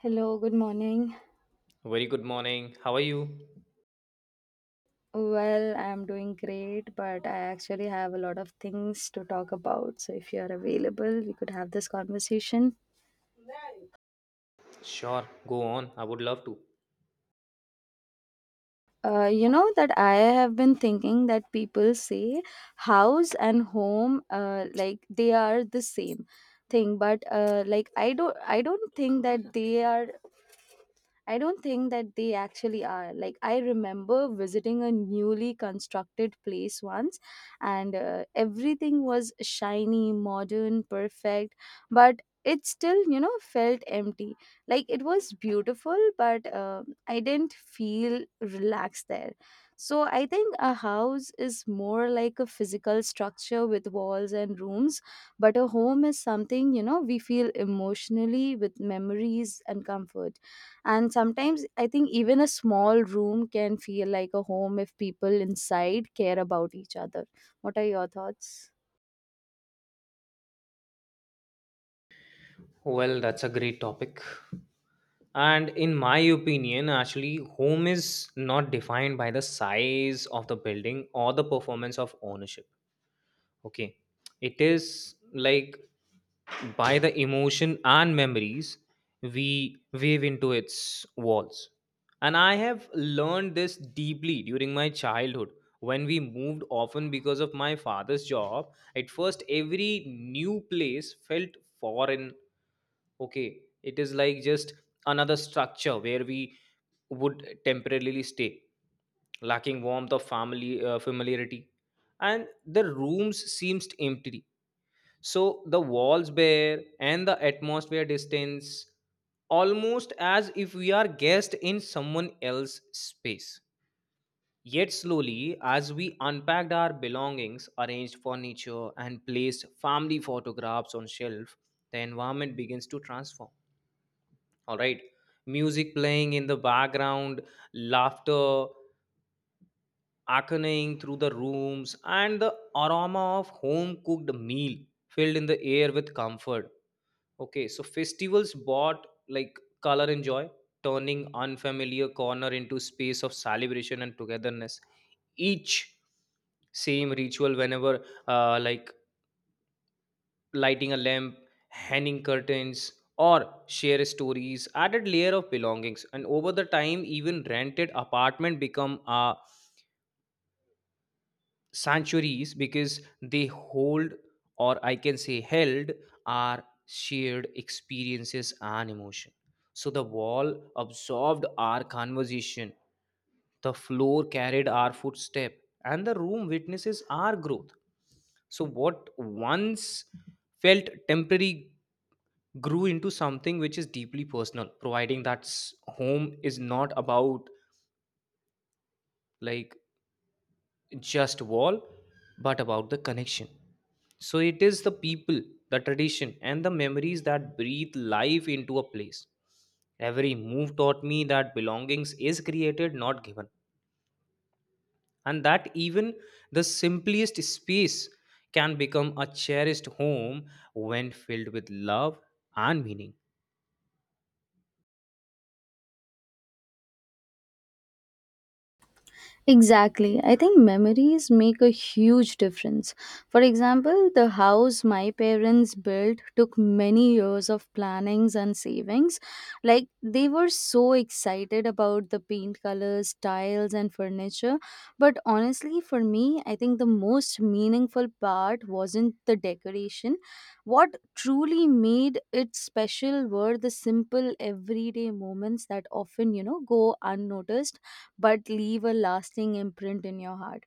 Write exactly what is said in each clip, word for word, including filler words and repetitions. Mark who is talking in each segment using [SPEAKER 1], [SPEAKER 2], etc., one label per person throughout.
[SPEAKER 1] Hello, good morning.
[SPEAKER 2] Very good morning. How are you?
[SPEAKER 1] Well, I'm doing great, but I actually have a lot of things to talk about. So, if you're available, we could have this conversation.
[SPEAKER 2] Sure, go on. I would love to.
[SPEAKER 1] Uh, you know that I have been thinking that people say house and home, uh, like they are the same thing, but uh, like I don't, I don't think that they are I don't think that they actually are. Like, I remember visiting a newly constructed place once, and uh, everything was shiny, modern, perfect, but it still, you know, felt empty. Like, it was beautiful, but uh, I didn't feel relaxed there. So, I think a house is more like a physical structure with walls and rooms, but a home is something, you know, we feel emotionally with memories and comfort. And sometimes I think even a small room can feel like a home if people inside care about each other. What are your thoughts?
[SPEAKER 2] Well, that's a great topic. And in my opinion, actually, home is not defined by the size of the building or the performance of ownership. Okay. It is like by the emotion and memories we weave into its walls. And I have learned this deeply during my childhood when we moved often because of my father's job. At first, every new place felt foreign. Okay. It is like just another structure where we would temporarily stay, lacking warmth of family uh, familiarity, and the rooms seems empty, so the walls bare and the atmosphere distance, almost as if we are guests in someone else's space. Yet slowly, as we unpacked our belongings, arranged furniture, and placed family photographs on shelf, the environment begins to transform. All right, music playing in the background, laughter echoing through the rooms, and the aroma of home cooked meal filled in the air with comfort. Okay, so festivals brought like color and joy, turning unfamiliar corner into space of celebration and togetherness. Each same ritual, whenever uh, like lighting a lamp, hanging curtains, or share stories, added layer of belongings. And over the time, even rented apartment become a sanctuaries, because they hold, or I can say held, our shared experiences and emotion. So the wall absorbed our conversation, the floor carried our footstep, and the room witnesses our growth. So what once felt temporary grew into something which is deeply personal, providing that s- home is not about like just wall, but about the connection. So it is the people, the tradition, and the memories that breathe life into a place. Every move taught me that belongings is created, not given, and that even the simplest space can become a cherished home when filled with love and meaning.
[SPEAKER 1] Exactly. I think memories make a huge difference. For example, the house my parents built took many years of plannings and savings. Like, they were so excited about the paint colors, tiles and furniture, but honestly for me, I think the most meaningful part wasn't the decoration. What truly made it special were the simple everyday moments that often, you know, go unnoticed but leave a lasting imprint in your heart.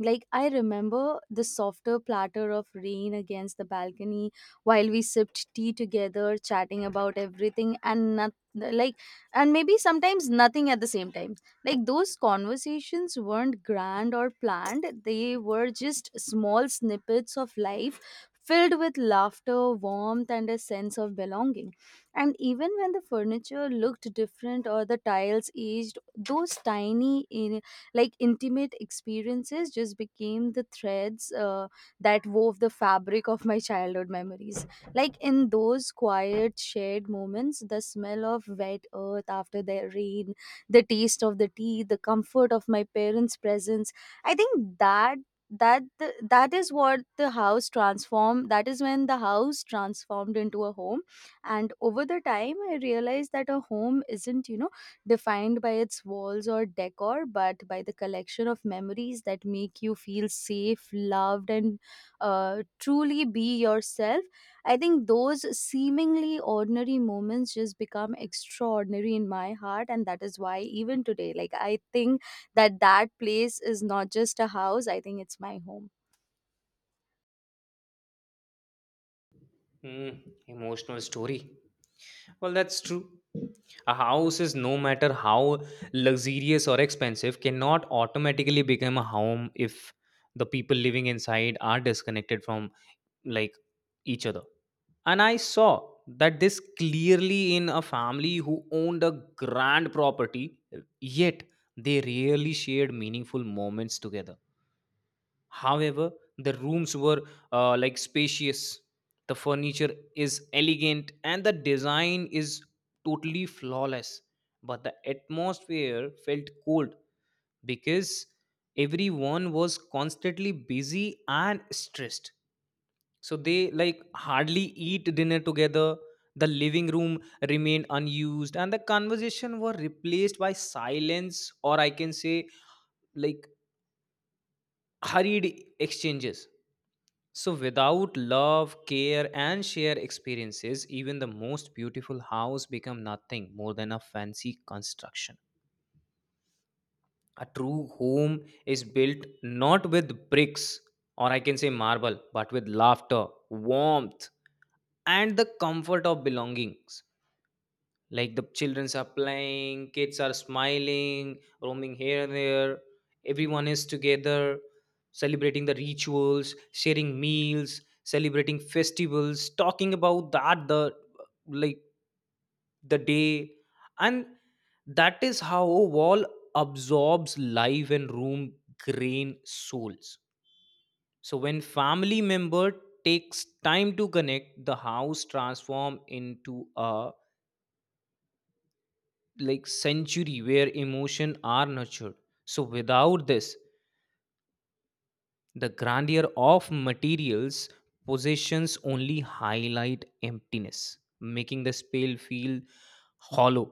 [SPEAKER 1] Like, I remember the softer platter of rain against the balcony while we sipped tea together, chatting about everything and not, like, and maybe sometimes nothing at the same time. Like, those conversations weren't grand or planned, they were just small snippets of life filled with laughter, warmth, and a sense of belonging. And even when the furniture looked different or the tiles aged, those tiny in, like, intimate experiences just became the threads uh, that wove the fabric of my childhood memories. Like, in those quiet shared moments, the smell of wet earth after the rain, the taste of the tea, the comfort of my parents presence, i think that that the, that is what the house transformed, that is when the house transformed into a home. And over the time, I realized that a home isn't, you know, defined by its walls or decor, but by the collection of memories that make you feel safe, loved, and uh, truly be yourself. I think those seemingly ordinary moments just become extraordinary in my heart, and that is why even today, like, I think that that place is not just a house. I think it's my home.
[SPEAKER 2] Hmm, emotional story. Well, that's true. A house is, no matter how luxurious or expensive, cannot automatically become a home if the people living inside are disconnected from like each other. And I saw that this clearly in a family who owned a grand property, yet they rarely shared meaningful moments together. However, the rooms were uh, like spacious, the furniture is elegant, and the design is totally flawless. But the atmosphere felt cold because everyone was constantly busy and stressed. So they like hardly eat dinner together. The living room remained unused, and the conversation were replaced by silence, or I can say, like hurried exchanges. So, without love, care, and shared experiences, even the most beautiful house become nothing more than a fancy construction. A true home is built not with bricks, or I can say marble, but with laughter, warmth, and the comfort of belongings. Like the childrens are playing, kids are smiling, roaming here and there. Everyone is together, celebrating the rituals, sharing meals, celebrating festivals, talking about that the like the day, and that is how wall absorbs life and room grain souls. So when family member takes time to connect, the house transform into a like century where emotion are nurtured. So without this, the grandeur of materials possessions only highlight emptiness, making the spell feel hollow.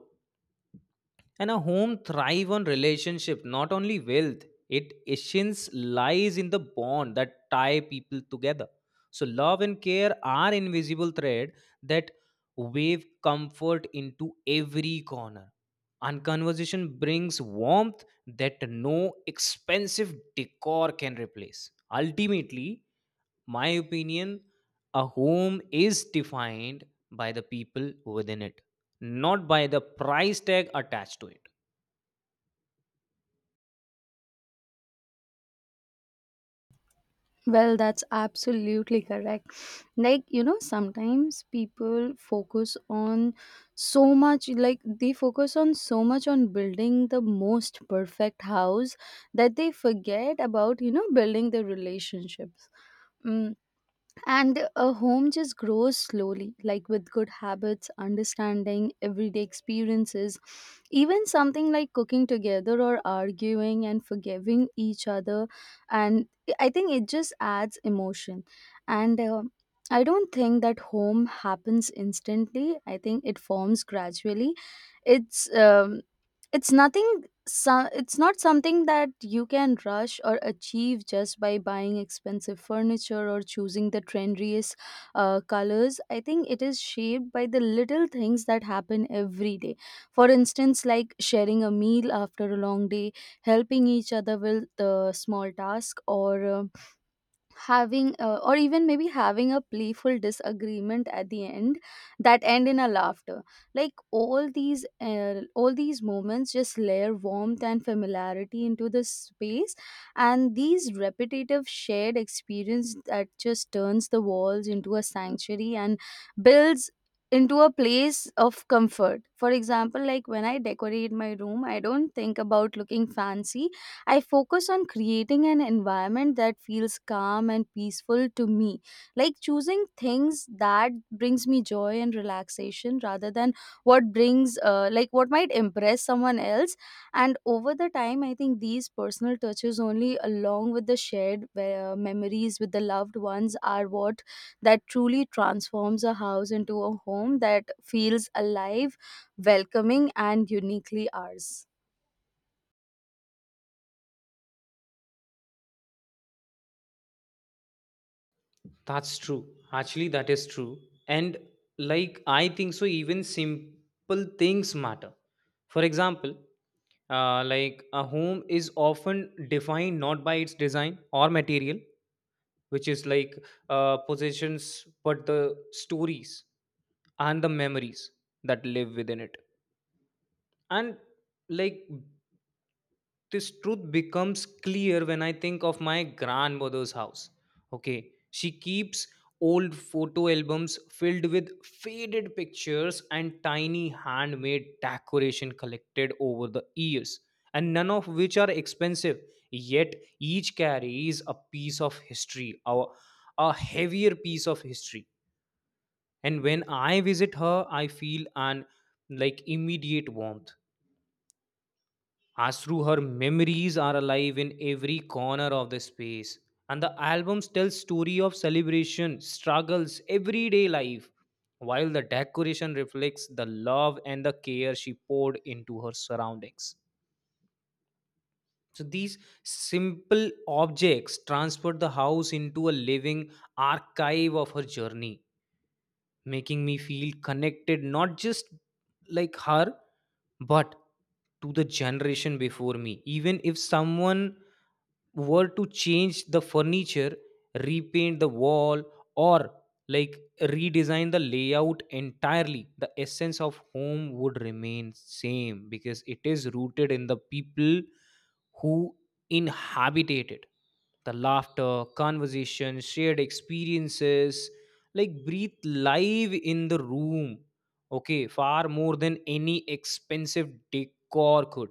[SPEAKER 2] And a home thrive on relationship, not only wealth. It essence lies in the bond that tie people together. So love and care are invisible thread that wave comfort into every corner. And conversation brings warmth that no expensive decor can replace. Ultimately, my opinion, a home is defined by the people within it, not by the price tag attached to it.
[SPEAKER 1] Well, that's absolutely correct. Like, you know, sometimes people focus on so much, like, they focus on so much on building the most perfect house that they forget about, you know, building the relationships. Mm. And a home just grows slowly, like with good habits, understanding, everyday experiences. Even something like cooking together or arguing and forgiving each other. And I think it just adds emotion. And uh, I don't think that home happens instantly. I think it forms gradually. It's um, it's nothing so, it's not something that you can rush or achieve just by buying expensive furniture or choosing the trendiest uh, colors. I think it is shaped by the little things that happen every day. For instance, like sharing a meal after a long day, helping each other with the small task, or uh, having uh, or even maybe having a playful disagreement at the end that end in a laughter. Like, all these uh, all these moments just layer warmth and familiarity into the space, and these repetitive shared experience that just turns the walls into a sanctuary and builds into a place of comfort. For example, like when I decorate my room, I don't think about looking fancy. I focus on creating an environment that feels calm and peaceful to me, like choosing things that brings me joy and relaxation rather than what brings uh, like what might impress someone else. And over the time, I think these personal touches only along with the shared uh, memories with the loved ones are what that truly transforms a house into a home that feels alive, welcoming and uniquely ours.
[SPEAKER 2] That's true. Actually, that is true. And like I think so, even simple things matter. For example, uh, like a home is often defined not by its design or material, which is like uh, possessions, but the stories and the memories that live within it. And like this truth becomes clear when I think of my grandmother's house. Okay, she keeps old photo albums filled with faded pictures and tiny handmade decoration collected over the years, and none of which are expensive. Yet each carries a piece of history, or a heavier piece of history. And when I visit her, I feel an like immediate warmth Asru, her memories are alive in every corner of the space. And the albums tell story of celebration, struggles, everyday life, while the decoration reflects the love and the care she poured into her surroundings. So these simple objects transport the house into a living archive of her journey, making me feel connected, not just like her, but to the generation before me. Even if someone were to change the furniture, repaint the wall, or like redesign the layout entirely, the essence of home would remain same, because it is rooted in the people who inhabited it. The laughter, conversation, shared experiences like breathe live in the room, okay, far more than any expensive decor could.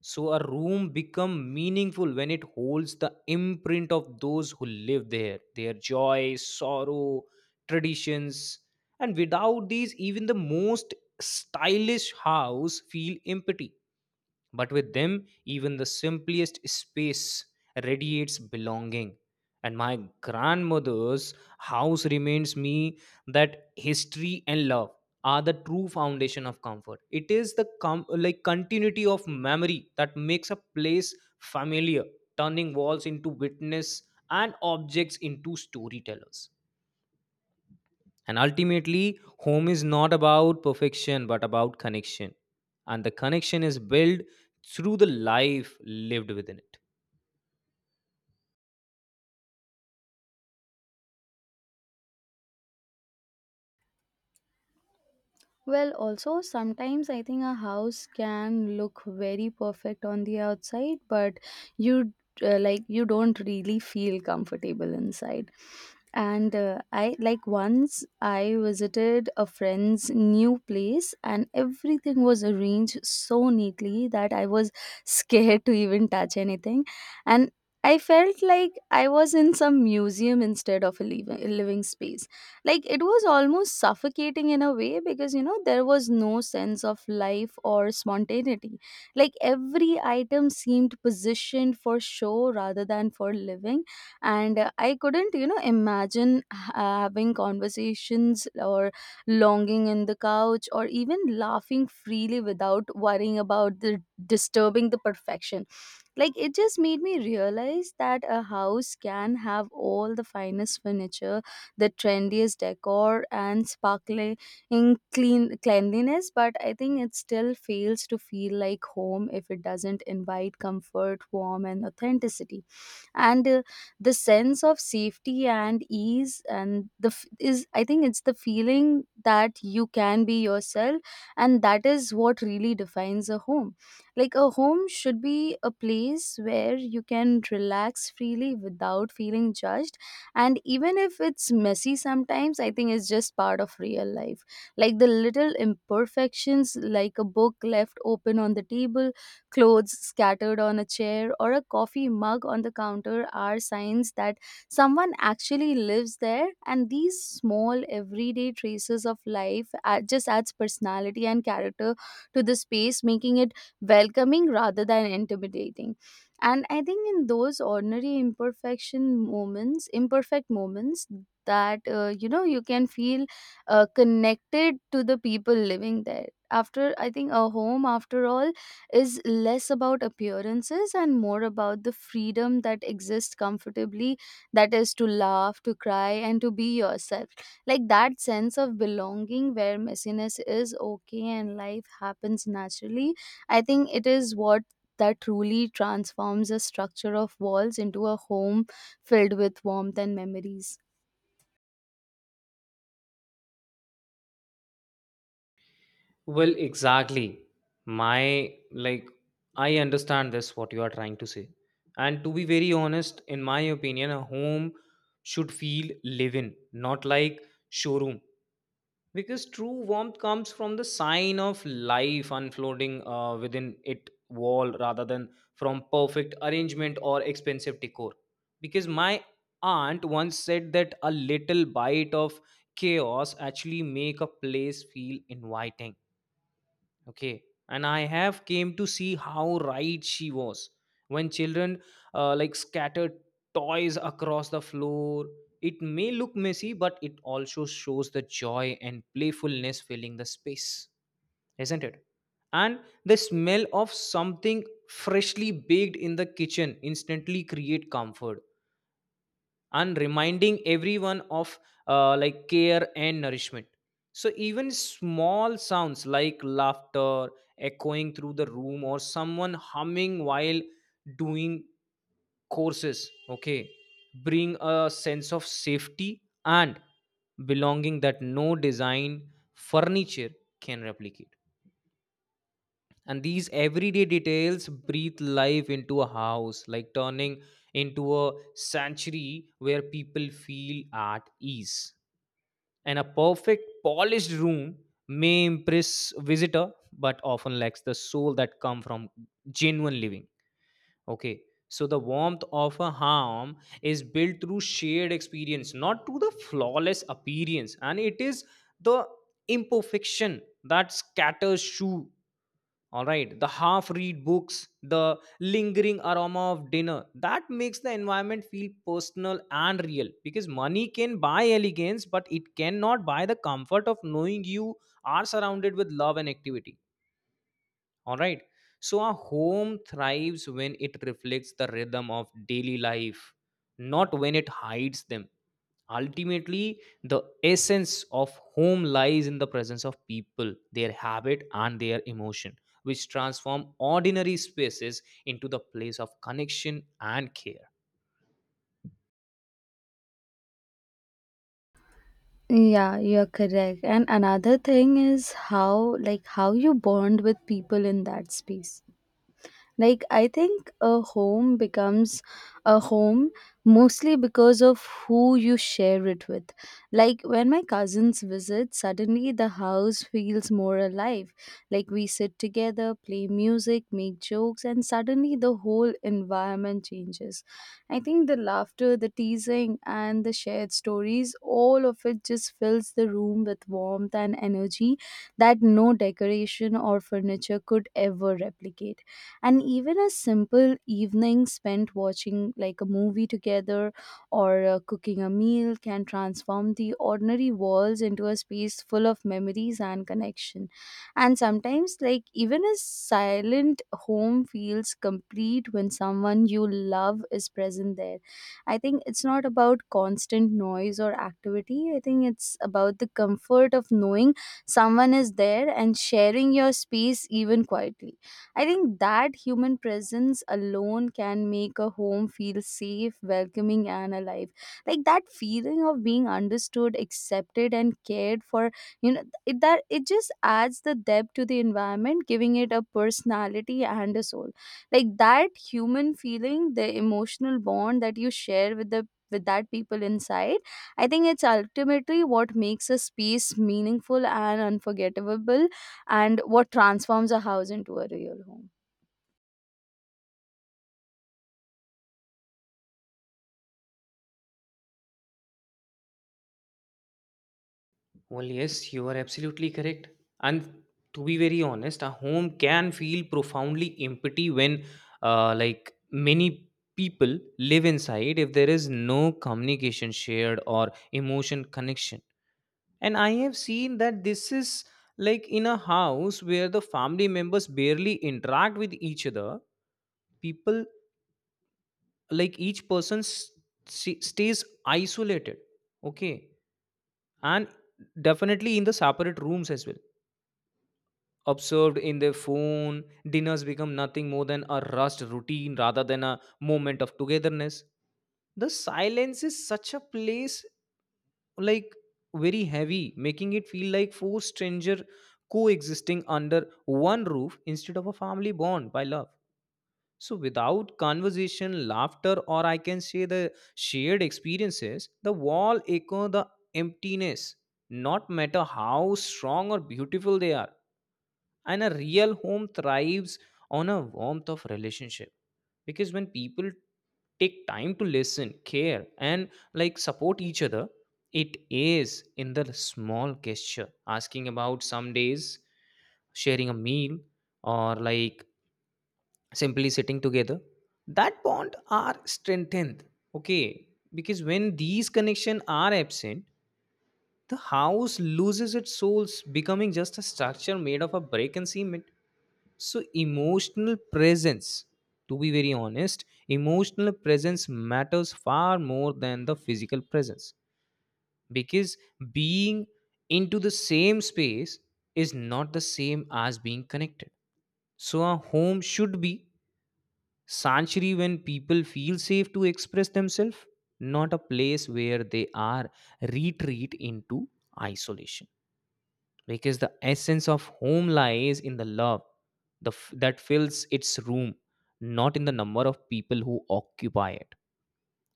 [SPEAKER 2] So a room become meaningful when it holds the imprint of those who live there, their joy, sorrow, traditions. And without these, even the most stylish house feel empty, but with them, even the simplest space radiates belonging. And my grandmother's house reminds me that history and love are the true foundation of comfort. It is the com- like continuity of memory that makes a place familiar, turning walls into witness and objects into storytellers. And ultimately, home is not about perfection, but about connection. And the connection is built through the life lived within it.
[SPEAKER 1] Well, also, sometimes I think a house can look very perfect on the outside, but you uh, like you don't really feel comfortable inside. And uh, I, like, once I visited a friend's new place, and everything was arranged so neatly that I was scared to even touch anything. And I felt like I was in some museum instead of a living, living space. Like, it was almost suffocating in a way, because you know, there was no sense of life or spontaneity. Like, every item seemed positioned for show rather than for living. And uh, I couldn't, you know, imagine ha- having conversations or longing in the couch or even laughing freely without worrying about the disturbing the perfection. Like, it just made me realize that a house can have all the finest furniture, the trendiest decor and sparkling clean cleanliness, but I think it still fails to feel like home if it doesn't invite comfort, warmth and authenticity. And uh, the sense of safety and ease and the f- is I think it's the feeling that you can be yourself, and that is what really defines a home. Like, a home should be a place where you can relax freely without feeling judged, and even if it's messy sometimes, I think it's just part of real life. Like, the little imperfections, like a book left open on the table, clothes scattered on a chair or a coffee mug on the counter are signs that someone actually lives there, and these small, everyday traces of life add, just adds personality and character to the space, making it welcoming rather than intimidating. And I think in those ordinary imperfection moments, imperfect moments, that uh, you know, you can feel uh, connected to the people living there. After, I think a home, after all, is less about appearances and more about the freedom that exists comfortably, that is to laugh, to cry and to be yourself. Like, that sense of belonging where messiness is okay and life happens naturally, I think it is what that truly transforms a structure of walls into a home filled with warmth and memories.
[SPEAKER 2] Well, exactly. My, like, I understand this, what you are trying to say. And to be very honest, in my opinion, a home should feel live in, not like showroom. Because true warmth comes from the sign of life unfolding uh, within it wall, rather than from perfect arrangement or expensive decor. Because my aunt once said that a little bite of chaos actually make a place feel inviting. Okay. And I have came to see how right she was. When children uh, like scattered toys across the floor, it may look messy, but it also shows the joy and playfulness filling the space, isn't it? And the smell of something freshly baked in the kitchen instantly create comfort, and reminding everyone of uh, like care and nourishment. So even small sounds like laughter echoing through the room, or someone humming while doing courses, okay, bring a sense of safety and belonging that no design furniture can replicate. And these everyday details breathe life into a house, like turning into a sanctuary where people feel at ease. And a perfect polished room may impress visitor, but often lacks the soul that come from genuine living. Okay. So the warmth of a home is built through shared experience, not through the flawless appearance. And it is the imperfection that scatters shoe, all right, the half read books, the lingering aroma of dinner, that makes the environment feel personal and real. Because money can buy elegance, but it cannot buy the comfort of knowing you are surrounded with love and activity. All right. So our home thrives when it reflects the rhythm of daily life, not when it hides them. Ultimately, the essence of home lies in the presence of people, their habit, and their emotion, which transform ordinary spaces into the place of connection and care.
[SPEAKER 1] Yeah, you're correct, and another thing is how, like, how you bond with people in that space. Like, I think a home becomes a home mostly because of who you share it with. Like, when my cousins visit, suddenly the house feels more alive. Like, we sit together, play music, make jokes, and suddenly the whole environment changes. I think the laughter, the teasing, and the shared stories, all of it just fills the room with warmth and energy that no decoration or furniture could ever replicate. And even a simple evening spent watching like a movie together or uh, cooking a meal can transform the ordinary walls into a space full of memories and connection. And sometimes, like, even a silent home feels complete when someone you love is present there. I think it's not about constant noise or activity, I think it's about the comfort of knowing someone is there and sharing your space even quietly. I think that human presence alone can make a home feel safe, welcoming, and alive. Like that feeling of being understood, accepted, and cared for, you know, it, that it just adds the depth to the environment, giving it a personality and a soul. Like that human feeling, the emotional bond that you share with the with that people inside, I think it's ultimately what makes a space meaningful and unforgettable and what transforms a house into a real home.
[SPEAKER 2] Well, yes, you are absolutely correct. And to be very honest, a home can feel profoundly empty when, uh, like, many people live inside if there is no communication shared or emotion connection. And I have seen that this is like in a house where the family members barely interact with each other, people, like, each person s- s- stays isolated. Okay. And definitely in the separate rooms as well, observed in their phone, dinners become nothing more than a rushed routine rather than a moment of togetherness. The silence is such a place, like very heavy, making it feel like four strangers coexisting under one roof instead of a family bond by love. So without conversation, laughter, or I can say the shared experiences, the wall echo the emptiness, not matter how strong or beautiful they are. And a real home thrives on a warmth of relationship, because when people take time to listen, care, and like support each other, it is in the small gesture, asking about some days, sharing a meal, or like simply sitting together, that bond are strengthened. Okay. Because when these connection are absent, the house loses its souls, becoming just a structure made of a break and cement. So, emotional presence, to be very honest, emotional presence matters far more than the physical presence, because being into the same space is not the same as being connected. So, a home should be sanctuary when people feel safe to express themselves, not a place where they are retreat into isolation, because the essence of home lies in the love the f- that fills its room, not in the number of people who occupy it.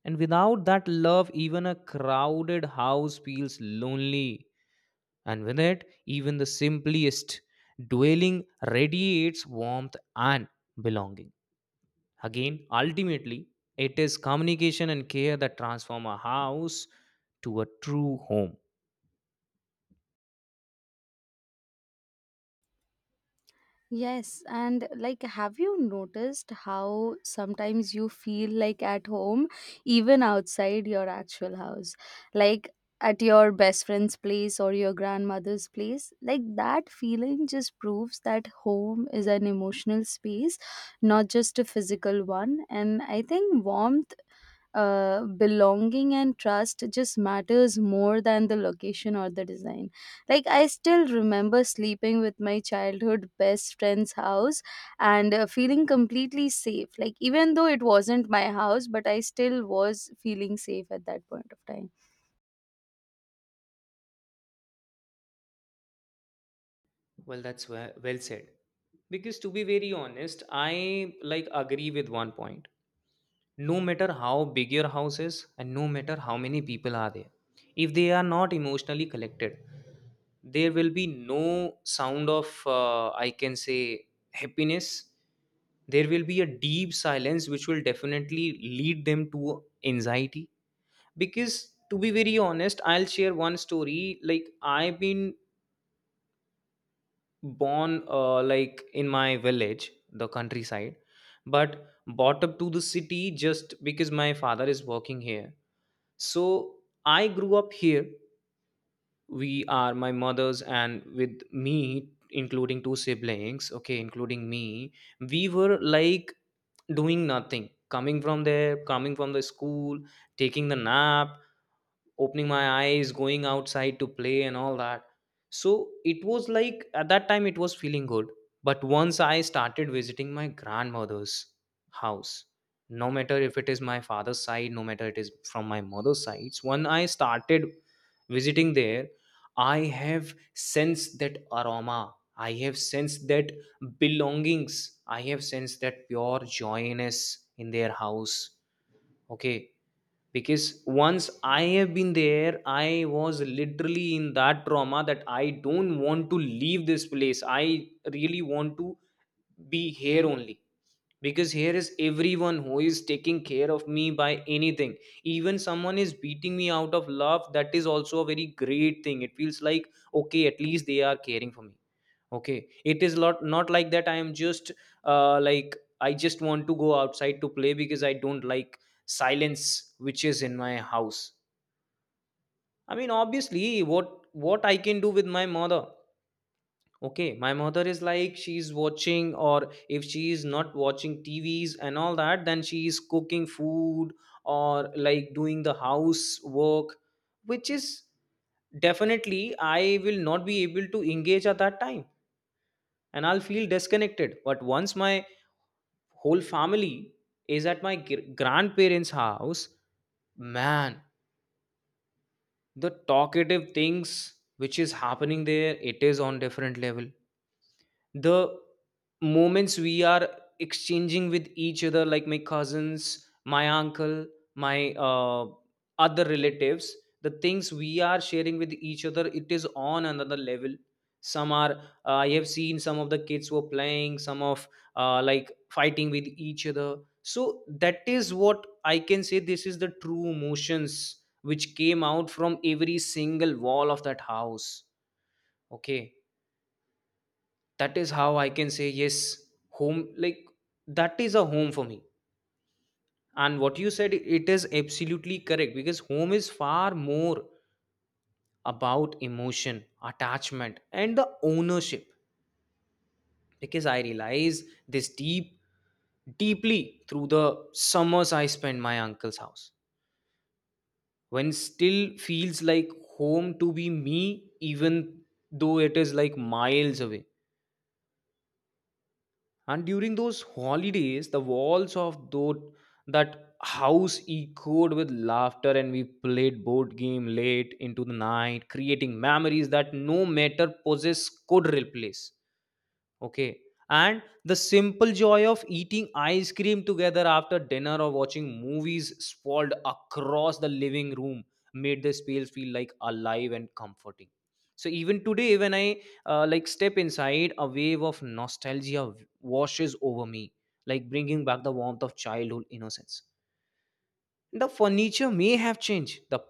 [SPEAKER 2] And without that love, even a crowded house feels lonely, and with it even the simplest dwelling radiates warmth and belonging. Again, ultimately it is communication and care that transform a house to a true home.
[SPEAKER 1] Yes, and like, have you noticed how sometimes you feel like at home, even outside your actual house? Like, at your best friend's place or your grandmother's place, like that feeling just proves that home is an emotional space, not just a physical one. And I think warmth, uh, belonging and trust just matters more than the location or the design. Like, I still remember sleeping with my childhood best friend's house and uh, feeling completely safe, like even though it wasn't my house, but I still was feeling safe at that point of time.
[SPEAKER 2] Well, that's well, well said. Because to be very honest, I like agree with one point. No matter how big your house is, and no matter how many people are there, if they are not emotionally collected, there will be no sound of, uh, I can say, happiness. There will be a deep silence which will definitely lead them to anxiety. Because to be very honest, I'll share one story. Like, I've been born uh, like in my village, the countryside, but brought up to the city just because my father is working here. So I grew up here. We are my mother's and with me including two siblings, okay, including me. We were like doing nothing, coming from there, coming from the school, taking the nap, opening my eyes, going outside to play and all that. So it was like, at that time, it was feeling good. But once I started visiting my grandmother's house, no matter if it is my father's side, no matter it is from my mother's sides, when I started visiting there, I have sensed that aroma, I have sensed that belongings, I have sensed that pure joyness in their house. Okay. Because once I have been there, I was literally in that trauma that I don't want to leave this place. I really want to be here only, because here is everyone who is taking care of me by anything. Even someone is beating me out of love, that is also a very great thing, it feels like. Okay, at least they are caring for me. Okay, it is not not like that. I am just uh, like I just want to go outside to play because I don't like silence which is in my house. I mean, obviously, what what I can do with my mother. Okay, my mother is like, she's watching, or if she is not watching TVs and all that, then she is cooking food or like doing the house work, which is definitely I will not be able to engage at that time, and I'll feel disconnected. But once my whole family is at my gr- grandparents house, man, the talkative things which is happening there, it is on different level. The moments we are exchanging with each other, like my cousins, my uncle, my uh, other relatives, the things we are sharing with each other, it is on another level. Some are, uh, I have seen some of the kids were playing, some of uh, like fighting with each other. So that is what I can say, this is the true emotions which came out from every single wall of that house. Okay, that is how I can say, yes, home, like that is a home for me. And what you said, it is absolutely correct, because home is far more about emotion, attachment, and the ownership. Because I realize this deep deeply through the summers I spend my uncle's house, when still feels like home to be me, even though it is like miles away. And during those holidays, the walls of those, that house echoed with laughter, and we played board game late into the night, creating memories that no matter possess could replace. Okay. And the simple joy of eating ice cream together after dinner, or watching movies sprawled across the living room, made the space feel like alive and comforting. So even today, when I uh, like step inside, a wave of nostalgia washes over me, like bringing back the warmth of childhood innocence. The furniture may have changed, the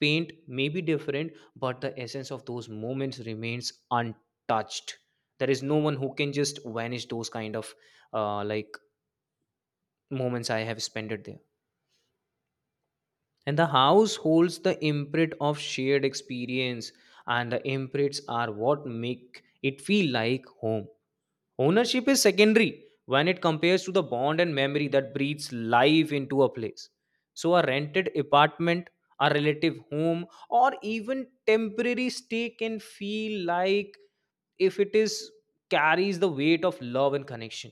[SPEAKER 2] paint may be different, but the essence of those moments remains untouched. There is no one who can just vanish those kind of uh, like moments I have spent it there. And the house holds the imprint of shared experience, and the imprints are what make it feel like home. Ownership is secondary when it compares to the bond and memory that breathes life into a place. So, a rented apartment, a relative home, or even temporary stay can feel like, if it is, carries the weight of love and connection,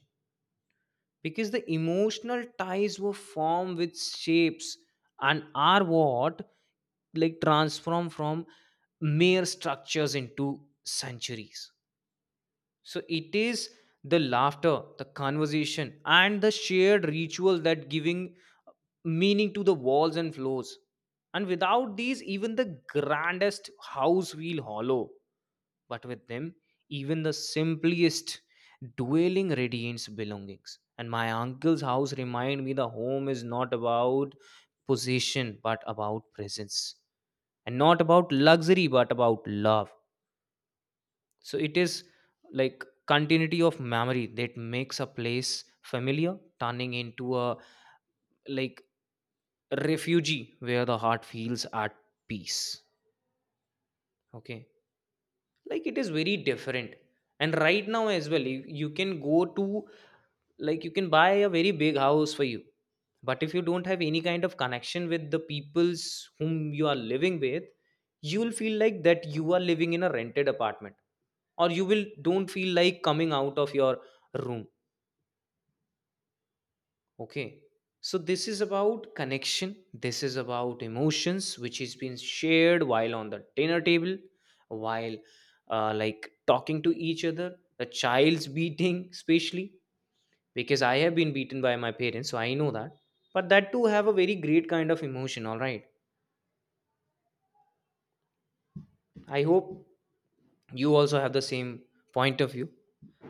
[SPEAKER 2] because the emotional ties were formed with shapes and are what like transform from mere structures into centuries. So it is the laughter, the conversation, and the shared ritual that giving meaning to the walls and floors. And without these, even the grandest house feel hollow. But with them, even the simplest dwelling radiates belongings. And my uncle's house remind me the home is not about possession, but about presence. And not about luxury, but about love. So it is like continuity of memory that makes a place familiar, turning into a, like, refugee where the heart feels at peace. Okay, like it is very different. And right now as well, you, you can go to, like, you can buy a very big house for you. But if you don't have any kind of connection with the peoples whom you are living with, you will feel like that you are living in a rented apartment, or you will don't feel like coming out of your room. Okay. So this is about connection. This is about emotions, which is being shared while on the dinner table, while uh, like talking to each other. The child's beating, especially because I have been beaten by my parents, so I know that. But that too have a very great kind of emotion. All right. I hope you also have the same point of view.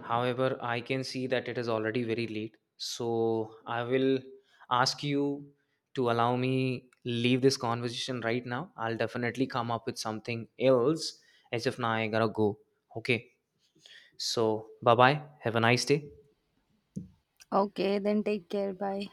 [SPEAKER 2] However, I can see that it is already very late. So I will ask you to allow me leave this conversation right now. I'll definitely come up with something else, as if now I gotta go. Okay. So bye bye. Have a nice day.
[SPEAKER 1] Okay, then take care. Bye.